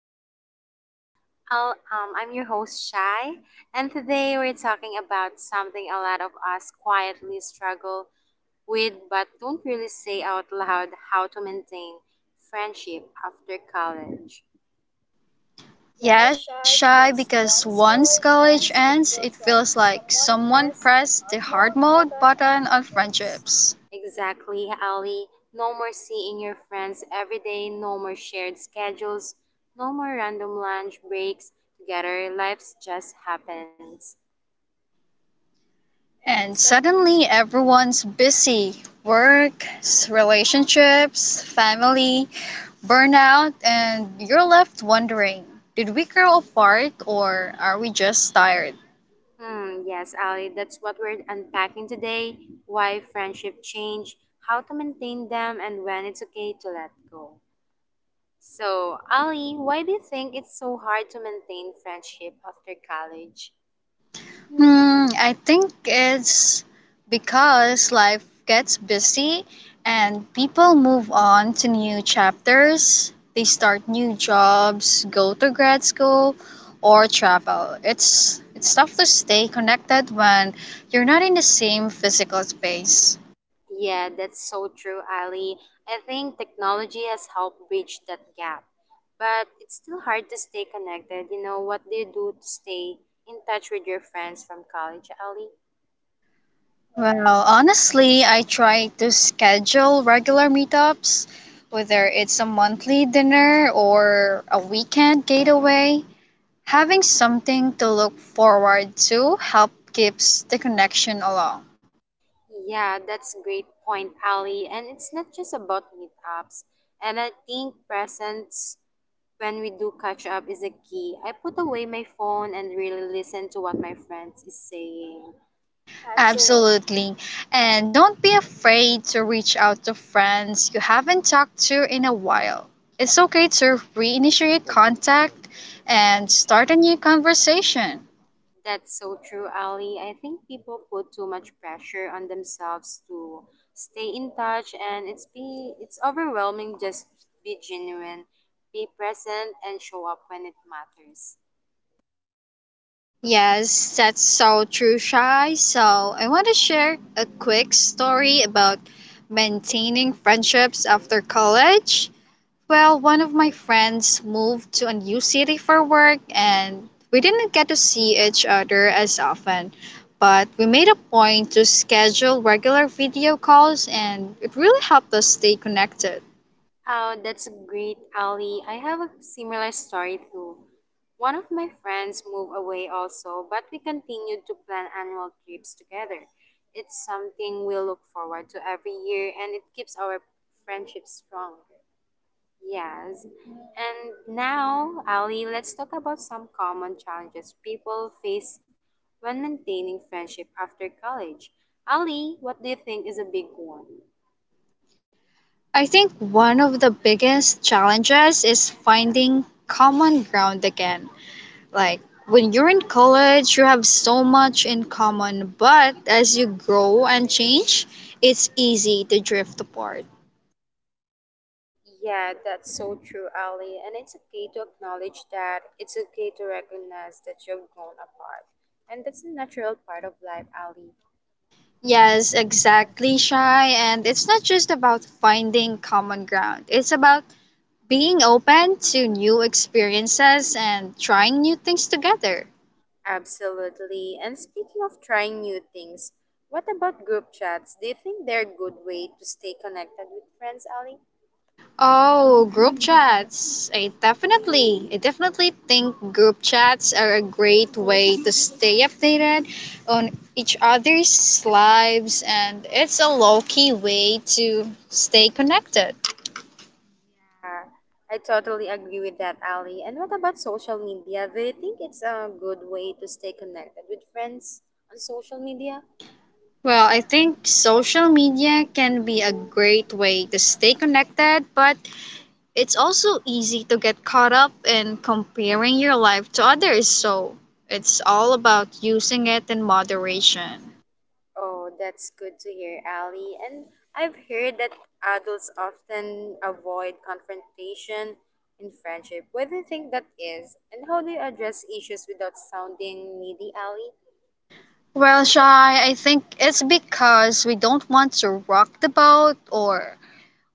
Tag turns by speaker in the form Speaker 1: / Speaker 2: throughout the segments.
Speaker 1: I'm your host, I'm your host Shai, and today we're talking about something a lot of us quietly struggle with but don't really say out loud: how to maintain friendship after college.
Speaker 2: Yeah, Shy, because once college ends, it feels like someone pressed the hard mode button on friendships.
Speaker 1: Exactly, Ali. No more seeing your friends every day, no more shared schedules, no more random lunch breaks together. Life just happens.
Speaker 2: And suddenly everyone's busy, work, relationships, family, burnout, and you're left wondering, did we grow apart or are we just tired?
Speaker 1: Hmm, yes, Ali, that's what we're unpacking today: why friendship change, how to maintain them, and when it's okay to let go. So, Ali, why do you think it's so hard to maintain friendship after college?
Speaker 2: I think it's because life gets busy and people move on to new chapters. They start new jobs, go to grad school, or travel. It's tough to stay connected when you're not in the same physical space.
Speaker 1: Yeah, that's so true, Ali. I think technology has helped bridge that gap. But it's still hard to stay connected. You know, what do you do to stay in touch with your friends from college, Ali?
Speaker 2: Well, honestly, I try to schedule regular meetups, whether it's a monthly dinner or a weekend getaway. Having something to look forward to help keeps the connection along.
Speaker 1: Yeah, that's a great point, Ali. And it's not just about meetups. And I think presence when we do catch up is a key. I put away my phone and really listen to what my friends is saying.
Speaker 2: Absolutely. And don't be afraid to reach out to friends you haven't talked to in a while. It's okay to reinitiate contact and start a new conversation.
Speaker 1: That's so true, Ali. I think people put too much pressure on themselves to stay in touch, and it's overwhelming. Just be genuine, be present, and show up when it matters.
Speaker 2: Yes, that's so true, Shai. So, I want to share a quick story about maintaining friendships after college. Well, one of my friends moved to a new city for work, and we didn't get to see each other as often. But we made a point to schedule regular video calls, and it really helped us stay connected.
Speaker 1: Oh, that's great, Ali. I have a similar story too. One of my friends moved away also, but we continued to plan annual trips together. It's something we look forward to every year, and it keeps our friendship strong. Yes. And now, Ali, let's talk about some common challenges people face when maintaining friendship after college. Ali, what do you think is a big one?
Speaker 2: I think one of the biggest challenges is finding common ground again. Like, when you're in college, you have so much in common, but as you grow and change, it's easy to drift apart.
Speaker 1: Yeah, that's so true, Ali. And it's okay to acknowledge that. It's okay to recognize that you've grown apart. And that's a natural part of life, Ali.
Speaker 2: Yes, exactly, Shy. And it's not just about finding common ground, it's about being open to new experiences and trying new things together.
Speaker 1: Absolutely. And speaking of trying new things, what about group chats? Do you think they're a good way to stay connected with friends, Ali?
Speaker 2: Oh,
Speaker 1: Oh,
Speaker 2: group
Speaker 1: group chats.
Speaker 2: chats. I
Speaker 1: I
Speaker 2: definitely, I definitely think group chats are a great way to stay updated on each other's lives, and it's a low key way to stay connected.
Speaker 1: Yeah, I totally agree with that, Ali. And what about social media? Do you think it's a good way to stay connected with friends on social media?
Speaker 2: Well, I think social media can be a great way to stay connected, but it's also easy to get caught up in comparing your life to others, so it's all about using it in moderation.
Speaker 1: Oh, that's good to hear, Ali. And I've heard that adults often avoid confrontation in friendship. Why do you think that is? And how do you address issues without sounding needy, Ali?
Speaker 2: Well, Shai, I think it's because we don't want to rock the boat, or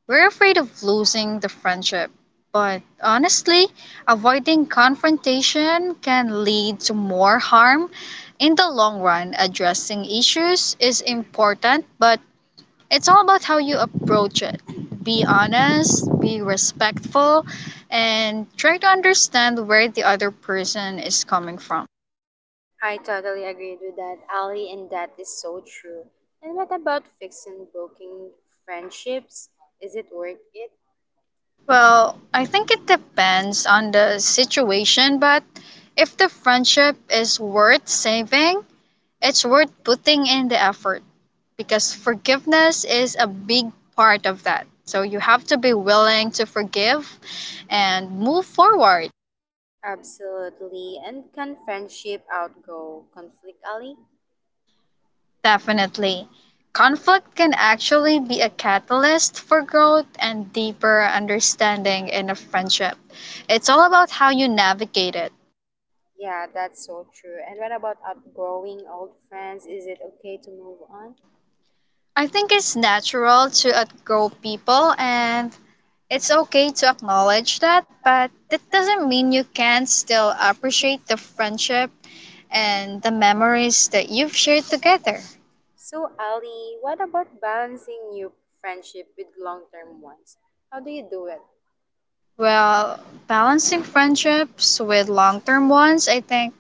Speaker 2: we're afraid of losing the friendship, but honestly, avoiding confrontation can lead to more harm. In the long run, addressing issues is important, but it's all about how you approach it. Be honest, be respectful, and try to understand where the other person is coming from.
Speaker 1: I totally agreed with that, Ali, and that is so true. And what about fixing broken friendships? Is it worth it?
Speaker 2: Well, I think it depends on the situation, but if the friendship is worth saving, it's worth putting in the effort because forgiveness is a big part of that. So you have to be willing to forgive and move forward.
Speaker 1: Absolutely. And can friendship outgo conflict, Ali?
Speaker 2: Definitely. Conflict can actually be a catalyst for growth and deeper understanding in a friendship. It's all about how you navigate it.
Speaker 1: Yeah, that's so true. And what about outgrowing old friends? Is it okay to move on?
Speaker 2: I think it's natural to outgrow people, and it's okay to acknowledge that, but that doesn't mean you can't still appreciate the friendship and the memories that you've shared together.
Speaker 1: So, Ali, what about balancing new friendship with long term ones? How do you do it?
Speaker 2: Well, balancing friendships with long term ones, I think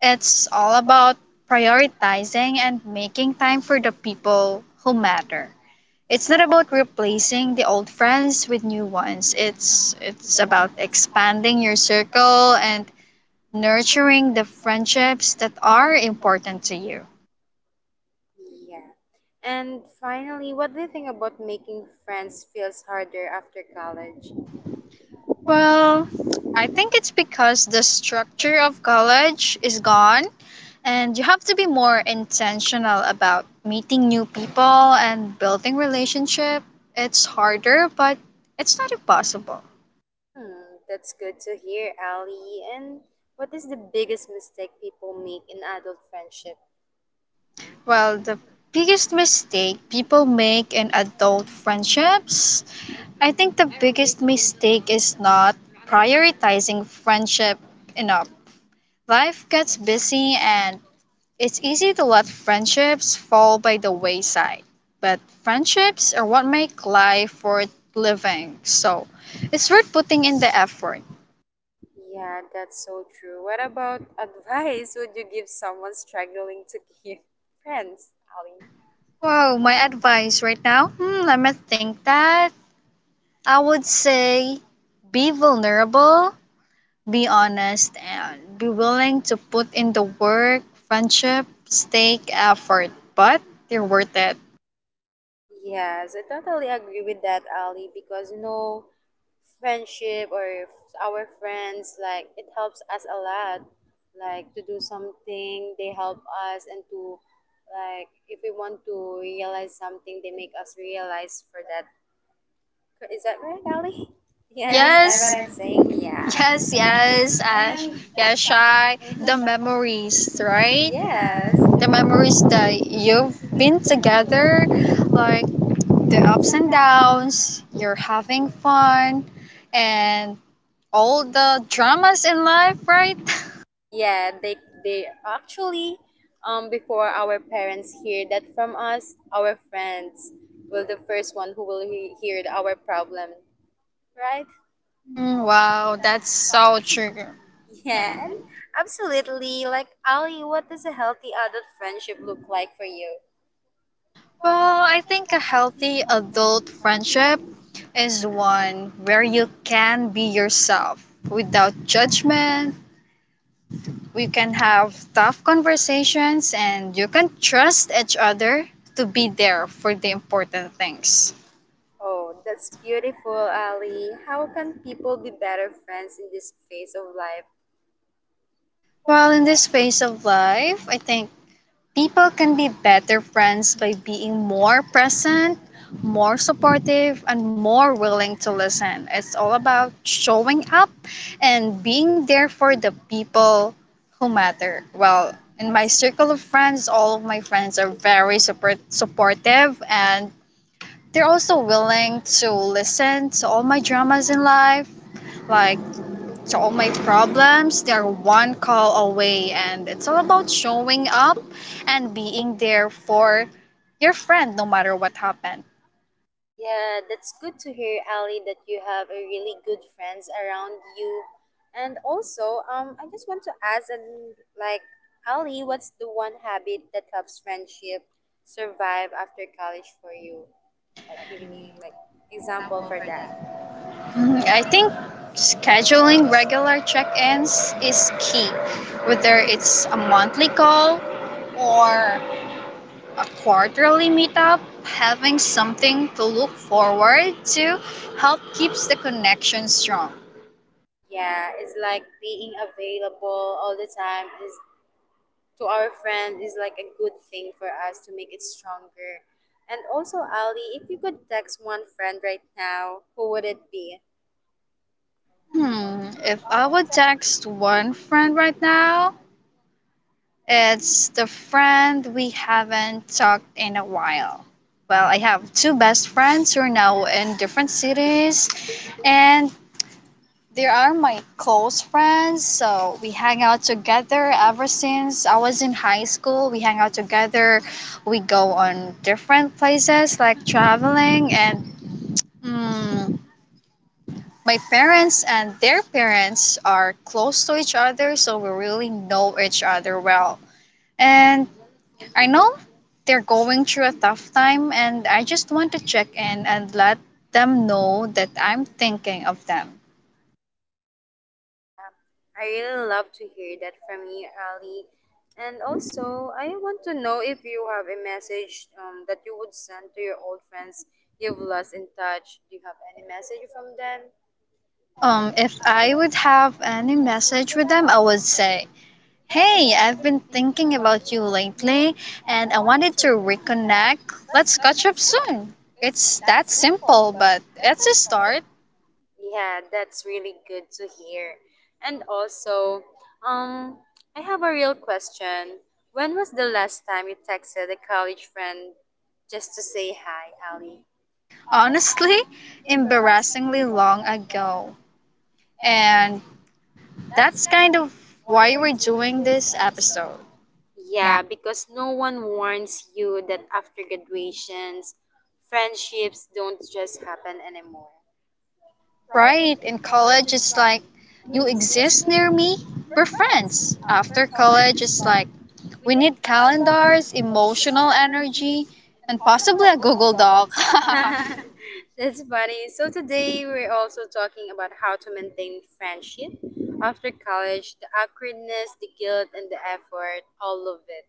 Speaker 2: it's all about prioritizing and making time for the people who matter. It's not about replacing the old friends with new ones. It's about expanding your circle and nurturing the friendships that are important to you.
Speaker 1: Yeah. And finally, what do you think about making friends feels harder after college?
Speaker 2: Well, I think it's because the structure of college is gone and you have to be more intentional about meeting new people and building relationship. It's harder, but it's not impossible.
Speaker 1: Hmm, that's good to hear, Ali. And what is the biggest mistake people make in adult friendship?
Speaker 2: Well, the biggest mistake people make in adult friendships, I think the biggest mistake is not prioritizing friendship enough. Life gets busy, and it's easy to let friendships fall by the wayside, but friendships are what make life worth living, so it's worth putting in the effort.
Speaker 1: Yeah, that's so true. What about advice would you give someone struggling to keep friends, Ali?
Speaker 2: Wow, my advice right now? Let me think that. I would say be vulnerable, be honest, and be willing to put in the work. Friendships take effort, but they're worth it.
Speaker 1: Yes, I totally agree with that, Ali, because friendship or our friends, like, it helps us a lot, like, to do something, they help us, and to, like, if we want to realize something, they make us realize for that. Is that right, Ali? You, yes, understand what
Speaker 2: Yes,
Speaker 1: I'm saying? Yeah.
Speaker 2: yes, yes, Ash.
Speaker 1: And
Speaker 2: Yeah, Shy. The
Speaker 1: mm-hmm.
Speaker 2: memories, right?
Speaker 1: Yes.
Speaker 2: The memories that you've been together, like the ups and downs, you're having fun, and all the dramas in life, right?
Speaker 1: Yeah, they actually before our parents hear that from us, our friends will the first one who will hear our problem, right?
Speaker 2: Wow, that's so true.
Speaker 1: Yeah,
Speaker 2: Yeah.
Speaker 1: and absolutely. Like Ali, what does a healthy adult friendship look like for you?
Speaker 2: Well, I think a healthy adult friendship is one where you can be yourself without judgment. We can have tough conversations and you can trust each other to be there for the important things.
Speaker 1: Oh, that's beautiful, Ali. How can people be better friends in this phase of life?
Speaker 2: Well, in this phase of life, I think people can be better friends by being more present, more supportive, and more willing to listen. It's all about showing up and being there for the people who matter. Well, in my circle of friends, all of my friends are very supportive, and they're also willing to listen to all my dramas in life, like to all my problems. They're one call away, and it's all about showing up and being there for your friend no matter what happened.
Speaker 1: Yeah, that's good to hear, Ali, that you have a really good friends around you. And also, I just want to ask, and like, Ali, what's the one habit that helps friendship survive after college for you? Like, give me like example for that.
Speaker 2: I think scheduling regular check ins is key, whether it's a monthly call or a quarterly meetup. Having something to look forward to help keeps the connection strong.
Speaker 1: Yeah, it's like being available all the time is to our friend is like a good thing for us to make it stronger. And also, Ali, if you could text one friend right now, who would it be?
Speaker 2: If I would text one friend right now, it's the friend we haven't talked in a while. Well, I have two best friends who are now in different cities, and they are my close friends. So we hang out together ever since I was in high school. We hang out together, we go on different places like traveling, and, mm, my parents and their parents are close to each other, so we really know each other well. And I know they're going through a tough time, and I just want to check in and let them know that I'm thinking of them.
Speaker 1: Um, I really love to hear that from you, Ali. And also, I want to know if you have a message that you would send to your old friends you've lost in touch. Do you have any message from them?
Speaker 2: If I would have any message with them, I would say, hey, I've been thinking about you lately and I wanted to reconnect. Let's catch up soon. It's that simple, but it's a start.
Speaker 1: Yeah, that's really good to hear. And also, um, I have a real question. When was the last time you texted a college friend just to say hi, Ali?
Speaker 2: Honestly, embarrassingly long ago. And that's kind of why we're doing this episode.
Speaker 1: Yeah, because no one warns you that after graduations, friendships don't just happen anymore.
Speaker 2: Right? In college, it's like, you exist near me? We're friends. After college, it's like, we need calendars, emotional energy, and possibly a Google Doc.
Speaker 1: That's funny. So today we're also talking about how to maintain friendship after college: the awkwardness, the guilt, and the effort, all of it.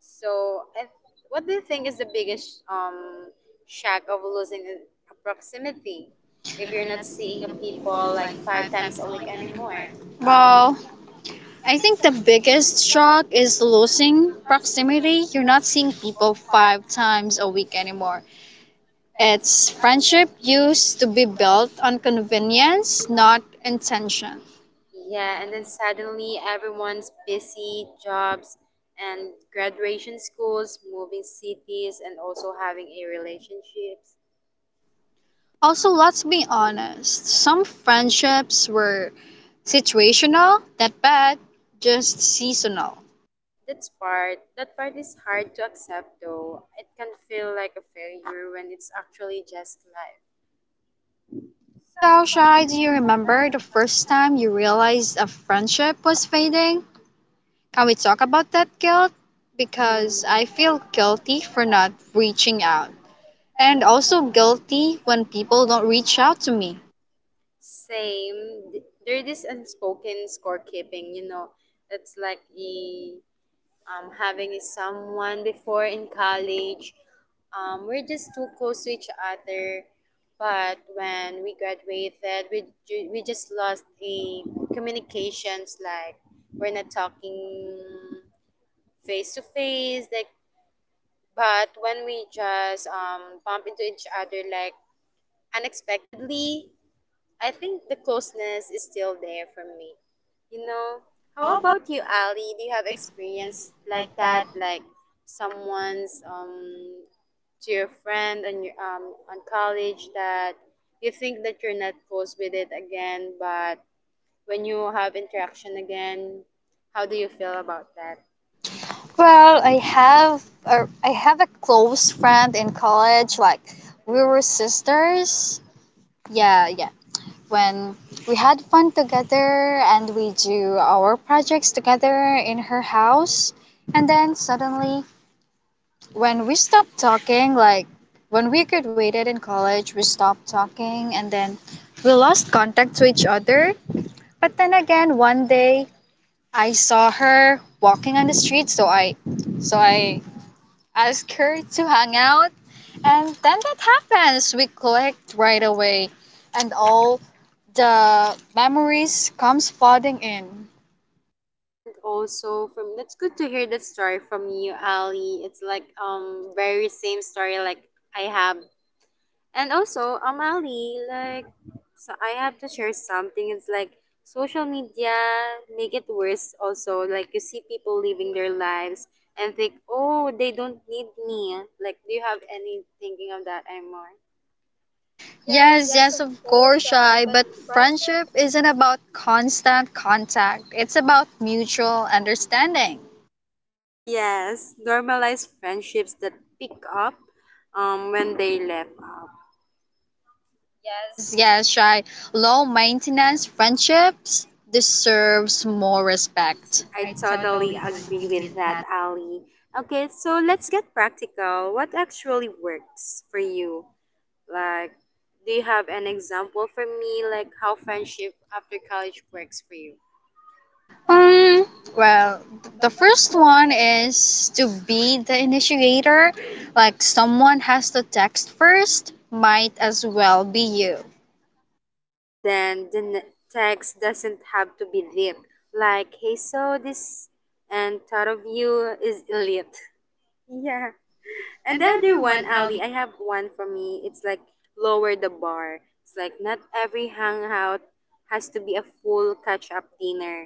Speaker 1: So, what do you think is the biggest shock of losing a proximity if you're not seeing a people like five times a week anymore, Ali? Oh.
Speaker 2: Well, I think the biggest shock is losing proximity. You're not seeing people 5 times a week anymore. Its friendship used to be built on convenience, not intention.
Speaker 1: Yeah, and then suddenly everyone's busy, jobs and graduation schools, moving cities, and also having a relationships.
Speaker 2: Also, let's be honest, some friendships were situational, not bad, just seasonal.
Speaker 1: That part is hard to accept, though. It can feel like a failure when it's actually just life.
Speaker 2: So, Shai, do you remember the first time you realized a friendship was fading? Can we talk about that guilt? Because I feel guilty for not reaching out, and also guilty when people don't reach out to me.
Speaker 1: Same. There is unspoken scorekeeping. It's like having a someone before in college. We're just too close to each other. But when we graduated, we just lost a communications. Like, we're not talking face to face. Like, but when we just bump into each other like unexpectedly, I think the closeness is still there for me. You know, how about you, Ali? Do you have
Speaker 2: Have
Speaker 1: experience
Speaker 2: experience
Speaker 1: like
Speaker 2: like
Speaker 1: that?
Speaker 2: that.
Speaker 1: Like someone's to your friend on your on college that you think that you're not close with it again, but when you have interaction again, how do you feel about that? Well,
Speaker 2: Well,
Speaker 1: I
Speaker 2: I
Speaker 1: have
Speaker 2: have a, I have a close friend in college. Like, we were sisters. Yeah, yeah. When we had fun together and we do our projects together in her house, and then suddenly when we stopped talking, like when we graduated in college, we stopped talking, and then we lost contact to each other. But then again, one day I saw her walking on the street, so I ask her to hang out. And then that happens. We clicked right away. And all the memories comes flooding in.
Speaker 1: And also from that's good to hear that story from you, Ali. It's like very same story like I have. And also Ali, like so I have to share something. It's like social media make it worse also. Like you see people living their lives and think, oh, they don't need me. Like do you have any thinking of that anymore?
Speaker 2: Yes, yes, of course, Shy. But friendship isn't about constant contact. It's about mutual understanding.
Speaker 1: Yes. Normalize friendships that pick up when they left up.
Speaker 2: Yes, yes, Shy. Low maintenance friendships deserves more respect.
Speaker 1: I totally agree with that, Ali. Okay, so let's get practical. What actually works for you? Like, do you have an example for me, like how friendship after college works for you?
Speaker 2: Um, well, the first one is to be the initiator. Like, someone has to text first, might as well be you.
Speaker 1: And then the text doesn't have to be deep. Like, hey, so this and thought of you is elite. Yeah. And the other one, Ali, I have one for me. It's like lower the bar. It's like not every hangout has to be a full catch up dinner.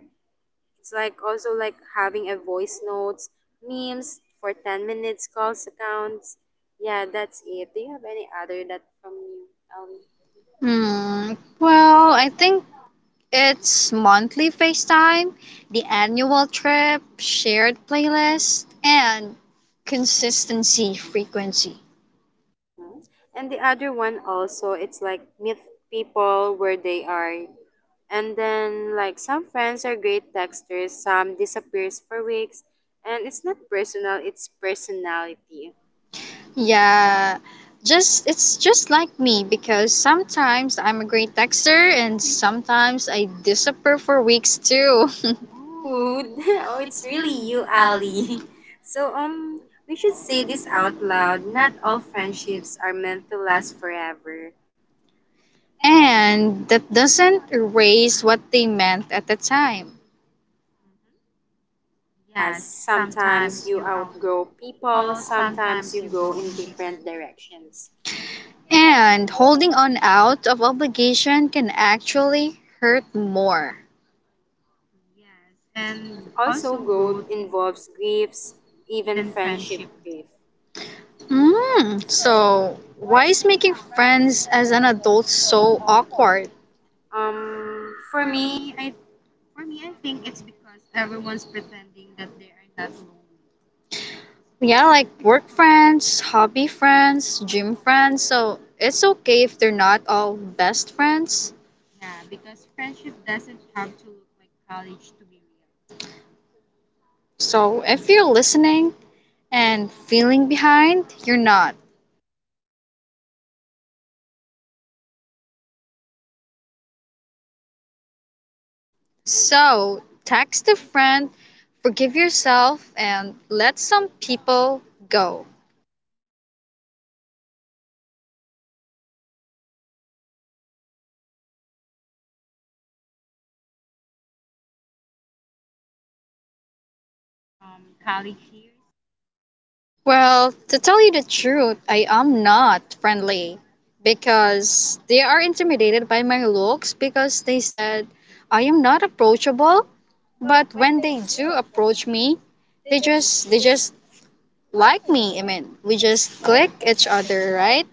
Speaker 1: It's like also like having a voice notes, memes for 10 minutes, calls accounts. Yeah, that's it. Do you have any other that from you, Ali?
Speaker 2: Hmm. Well, I think it's monthly FaceTime, the annual trip, shared playlist, and consistency frequency.
Speaker 1: And the other one also, it's like meet people where they are, and then, like, some friends are great texters, some disappears for weeks, and it's not personal, it's personality.
Speaker 2: Yeah, just it's just like me because sometimes I'm a great texter and sometimes I disappear for weeks too.
Speaker 1: Food. Oh, it's really you, Ali. So, we should say this out loud, not all friendships are meant to last forever.
Speaker 2: And that doesn't erase what they meant at the time.
Speaker 1: Yes, sometimes you outgrow people, sometimes you go in different directions.
Speaker 2: And holding on out of obligation can actually hurt more.
Speaker 1: Also, growth involves griefs, even friendship grief.
Speaker 2: So, why is making friends as an adult so awkward?
Speaker 1: For me.
Speaker 2: Yeah, like work friends, hobby friends, gym friends. So, it's okay if they're not all best friends. So, if you're listening and feeling behind, you're not. So, text a friend, forgive yourself, and let some people go. Well, to tell you the truth, I am not friendly because they are intimidated by my looks, because they said I am not approachable. But when they do approach me, they just like me. I mean, we just click each other, right?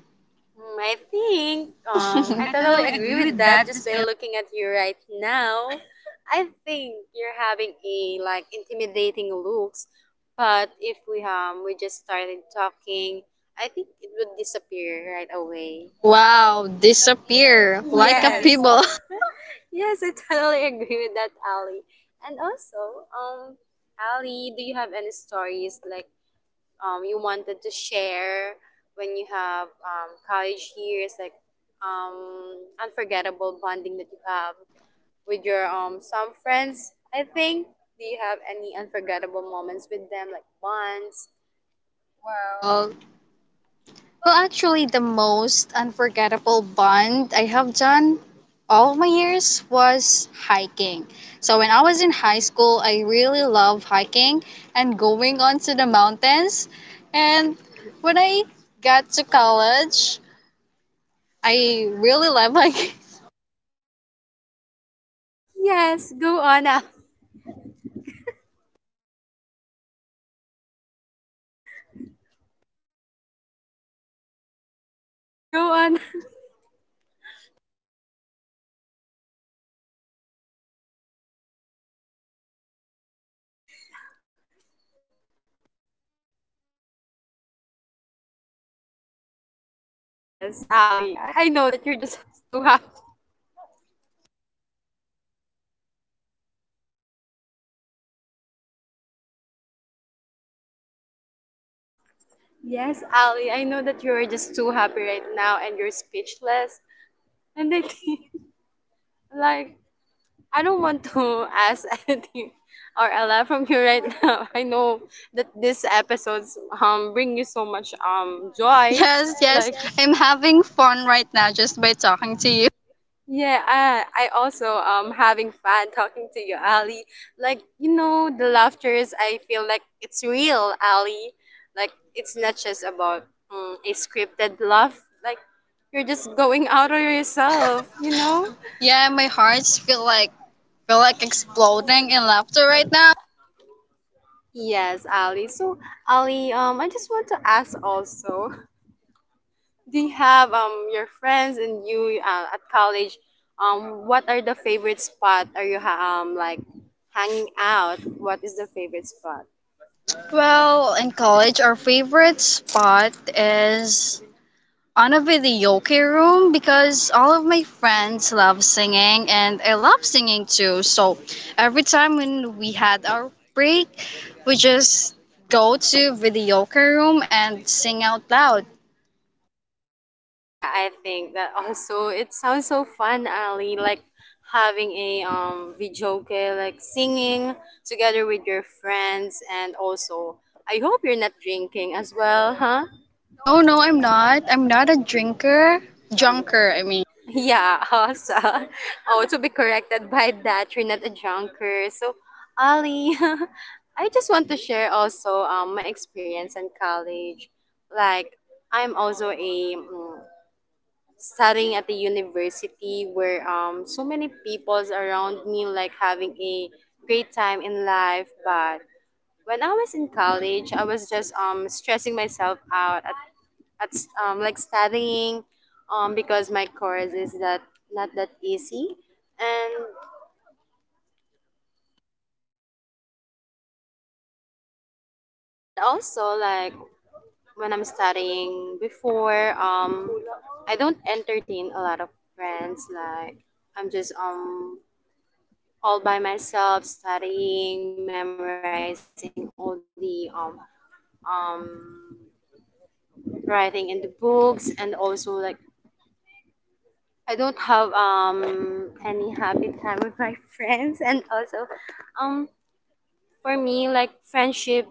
Speaker 1: I totally agree with that. Just by looking at you right now, I think you're having a like intimidating looks. But if we just started talking, I think it would disappear right away.
Speaker 2: Wow, disappear like a
Speaker 1: Yes.
Speaker 2: people.
Speaker 1: Yes, I totally agree with that, Ali. And also, Ali, do you have any stories like you wanted to share when you have college years, like um, unforgettable bonding that you have with your some friends? I think. Do you have any unforgettable moments with them, like bonds?
Speaker 2: Well, Well, actually, the most unforgettable bond I have done all of my years was hiking. So, when I was in high school, I really love hiking and going on to the mountains. And when I got to college, I really love hiking.
Speaker 1: Yes, go on. Ah. Go on. Yes, Ali. I know that you're just too happy. Yes, Ali. I know that you're just too happy right now and you're speechless. And I think, like, I don't want to ask anything or a lot from you right now. I know that these episodes bring you so much joy.
Speaker 2: Yes, yes,
Speaker 1: Like
Speaker 2: I'm having fun right now just by talking to you.
Speaker 1: yeah, I also having fun talking to you, Ali. Like, the laughter is I feel like it's real, Ali. Like it's not just about a scripted laugh. Like you're just going out of yourself, you know?
Speaker 2: Yeah, my hearts feel like exploding in laughter right now.
Speaker 1: Yes, Ali. So, Ali, I just want to ask also, do you have your friends and you at college? What are the favorite spot? Are you like hanging out? What is the favorite spot?
Speaker 2: Well, in college, our favorite spot is on a videoke room because all of my friends love singing and I love singing too. So every time when we had our break, we just go to videoke room and sing out loud.
Speaker 1: Yeah, I think that also it sounds so fun, Ali. Like having a videoke, like singing together with your friends, and also I hope you're not drinking as well, huh?
Speaker 2: No, no, I'm not. I'm not a drinker. Junker, I mean.
Speaker 1: Yeah, also, oh, to be corrected by that, you're not a junker. So, Ali, I just want to share also my experience in college. Like, I'm also a studying at the university where so many peoples around me like having a great time in life, but when I was in college I was just stressing myself out like studying because my course is that not that easy, and and also like when I'm studying before I don't entertain a lot of friends. Like, I'm just all by myself, studying, memorizing all the um, writing in the books, and also like I don't have any happy time with my friends, and also um, for me like friendship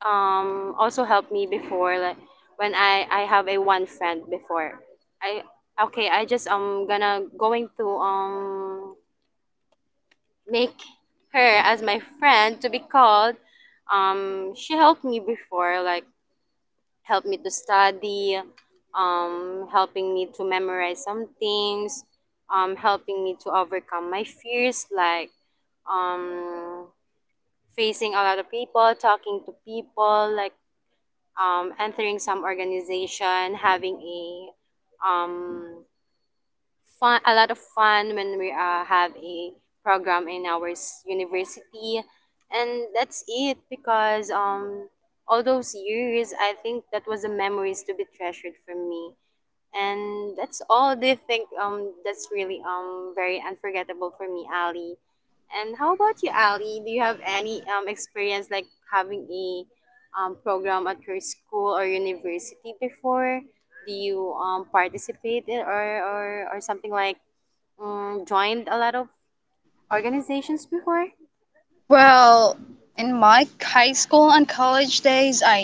Speaker 1: also helped me before. Like when I have a one friend before, I okay I just gonna going to make her as my friend to be called. She helped me before, like helped me to study, helping me to memorize some things, helping me to overcome my fears, like um, facing a lot of people, talking to people, like entering some organization, having a fun, a lot of fun when we have a program in our university, and that's it. Because all those years, I think that was the memories to be treasured for me, and that's all. Do you think that's really very unforgettable for me, Ali? And how about you, Ali? Do you have any experience like having a program at your school or university before? Do you participate in or something like joined a lot of organizations before?
Speaker 2: Well, in my high school and college days, I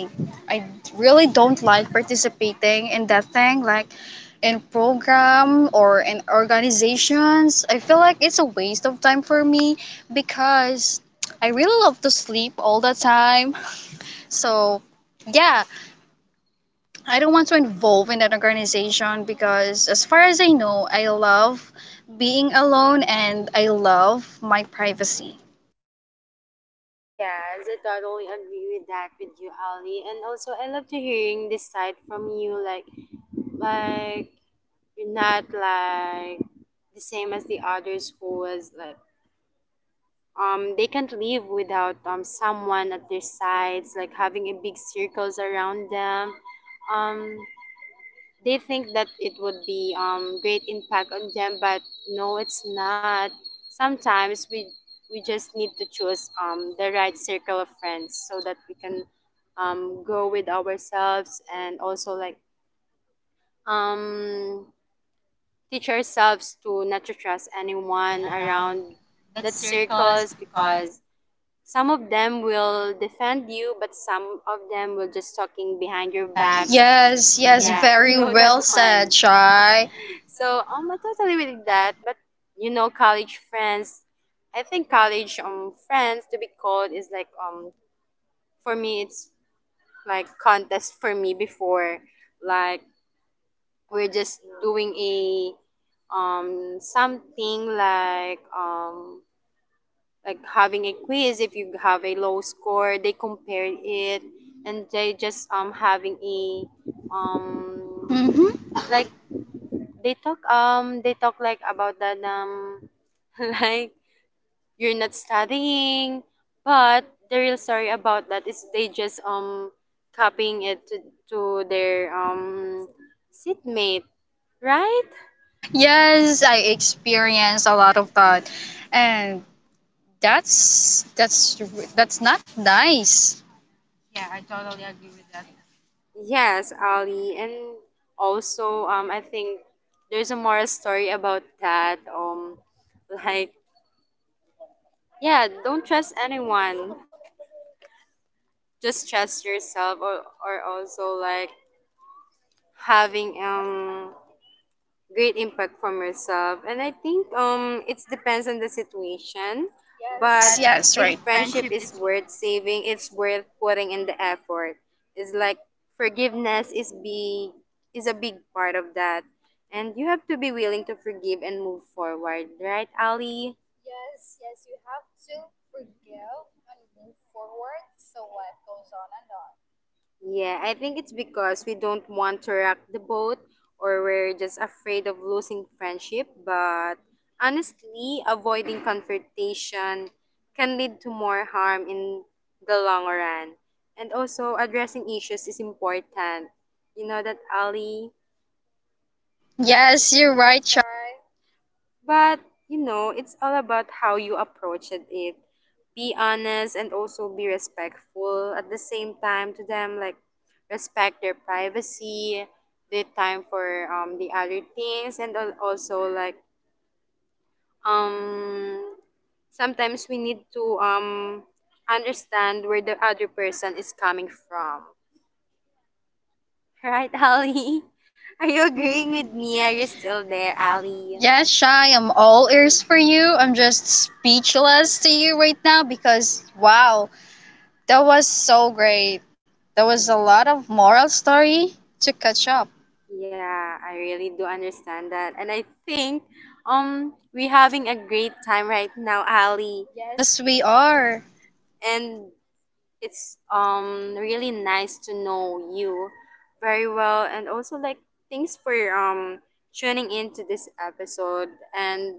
Speaker 2: I really don't like participating in that thing, like in program or in organizations. I feel like it's a waste of time for me because I really love to sleep all the time. So, yeah, I don't want to involve in that organization because as far as I know, I love being alone and I love my privacy.
Speaker 1: Yes, I totally agree with that with you, Ali. And also, I love to hearing this side from you, like you're not like the same as the others who was like they can't live without someone at their sides, like having a big circles around them. Um, they think that it would be great impact on them, but no, it's not. Sometimes we just need to choose the right circle of friends so that we can grow with ourselves, and also like um, teach ourselves to not to trust anyone around that circles, because some of them will defend you, but some of them will just talking behind your backs.
Speaker 2: Yes, yes, yeah.
Speaker 1: Yeah, you very
Speaker 2: Very
Speaker 1: know that
Speaker 2: well
Speaker 1: one.
Speaker 2: said, Shai.
Speaker 1: So I totally with that. But you know, college friends. I think college friends to be called is like for me it's like contest for me before, like we're just doing a something like having a quiz. If you have a low score they compare it, and they just having a um
Speaker 2: hmm
Speaker 1: like they talk like about that like you're not studying, but the real story about that is they just copying it to their seatmate, right?
Speaker 2: Yes, I experienced a lot of that, and that's that's that's not nice.
Speaker 1: Yes, Ali, and also I think there's a moral story about that. Like yeah, don't trust anyone. Just trust yourself, or also like having great impact from yourself. And I think it depends on the situation. Yes, but
Speaker 2: Yes, yes,
Speaker 1: yes, if
Speaker 2: right.
Speaker 1: friendship is worth saving it's worth putting in the effort. It's like forgiveness is be is a big part of that, and you have to be willing to forgive and move forward, right Ali? Yeah, I think it's because we don't want to rock the boat, or we're just afraid of losing friendship. But honestly, avoiding confrontation can lead to more harm in the long run. And also, addressing issues is important. You know that, Ali?
Speaker 2: Yes, you're right, Shai.
Speaker 1: But you know, it's all about how you approach it. Be honest and also be respectful at the same time to them. Like respect their privacy, the time for the other things, and also like um sometimes we need to understand where the other person is coming from. Right, Ali? Are you agreeing with me? Are you still there, Ali?
Speaker 2: Yes, Shai, I'm all ears for you. I'm just speechless to you right now because wow, that was so great. That was a lot of moral story to catch up.
Speaker 1: Yeah, I really do understand that. And I think we're having a great time right now, Ali.
Speaker 2: Yes, we are.
Speaker 1: And it's really nice to know you very well, and also like thanks for tuning in to this episode, and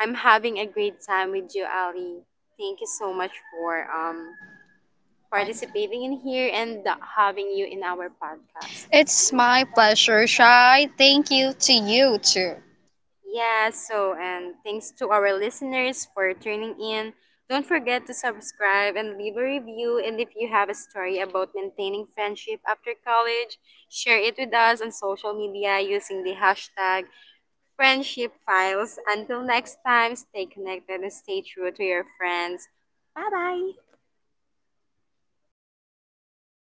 Speaker 1: I'm having a great time with you, Ali. Thank you so much for participating in here and having you in our podcast.
Speaker 2: It's my pleasure, Shai. Thank you to you too.
Speaker 1: Yeah, so, and thanks to our listeners for tuning in. Don't forget to subscribe and leave a review. And if you have a story about maintaining friendship after college, share it with us on social media using the hashtag friendship files. Until next time, stay connected and stay true to your friends. Bye bye.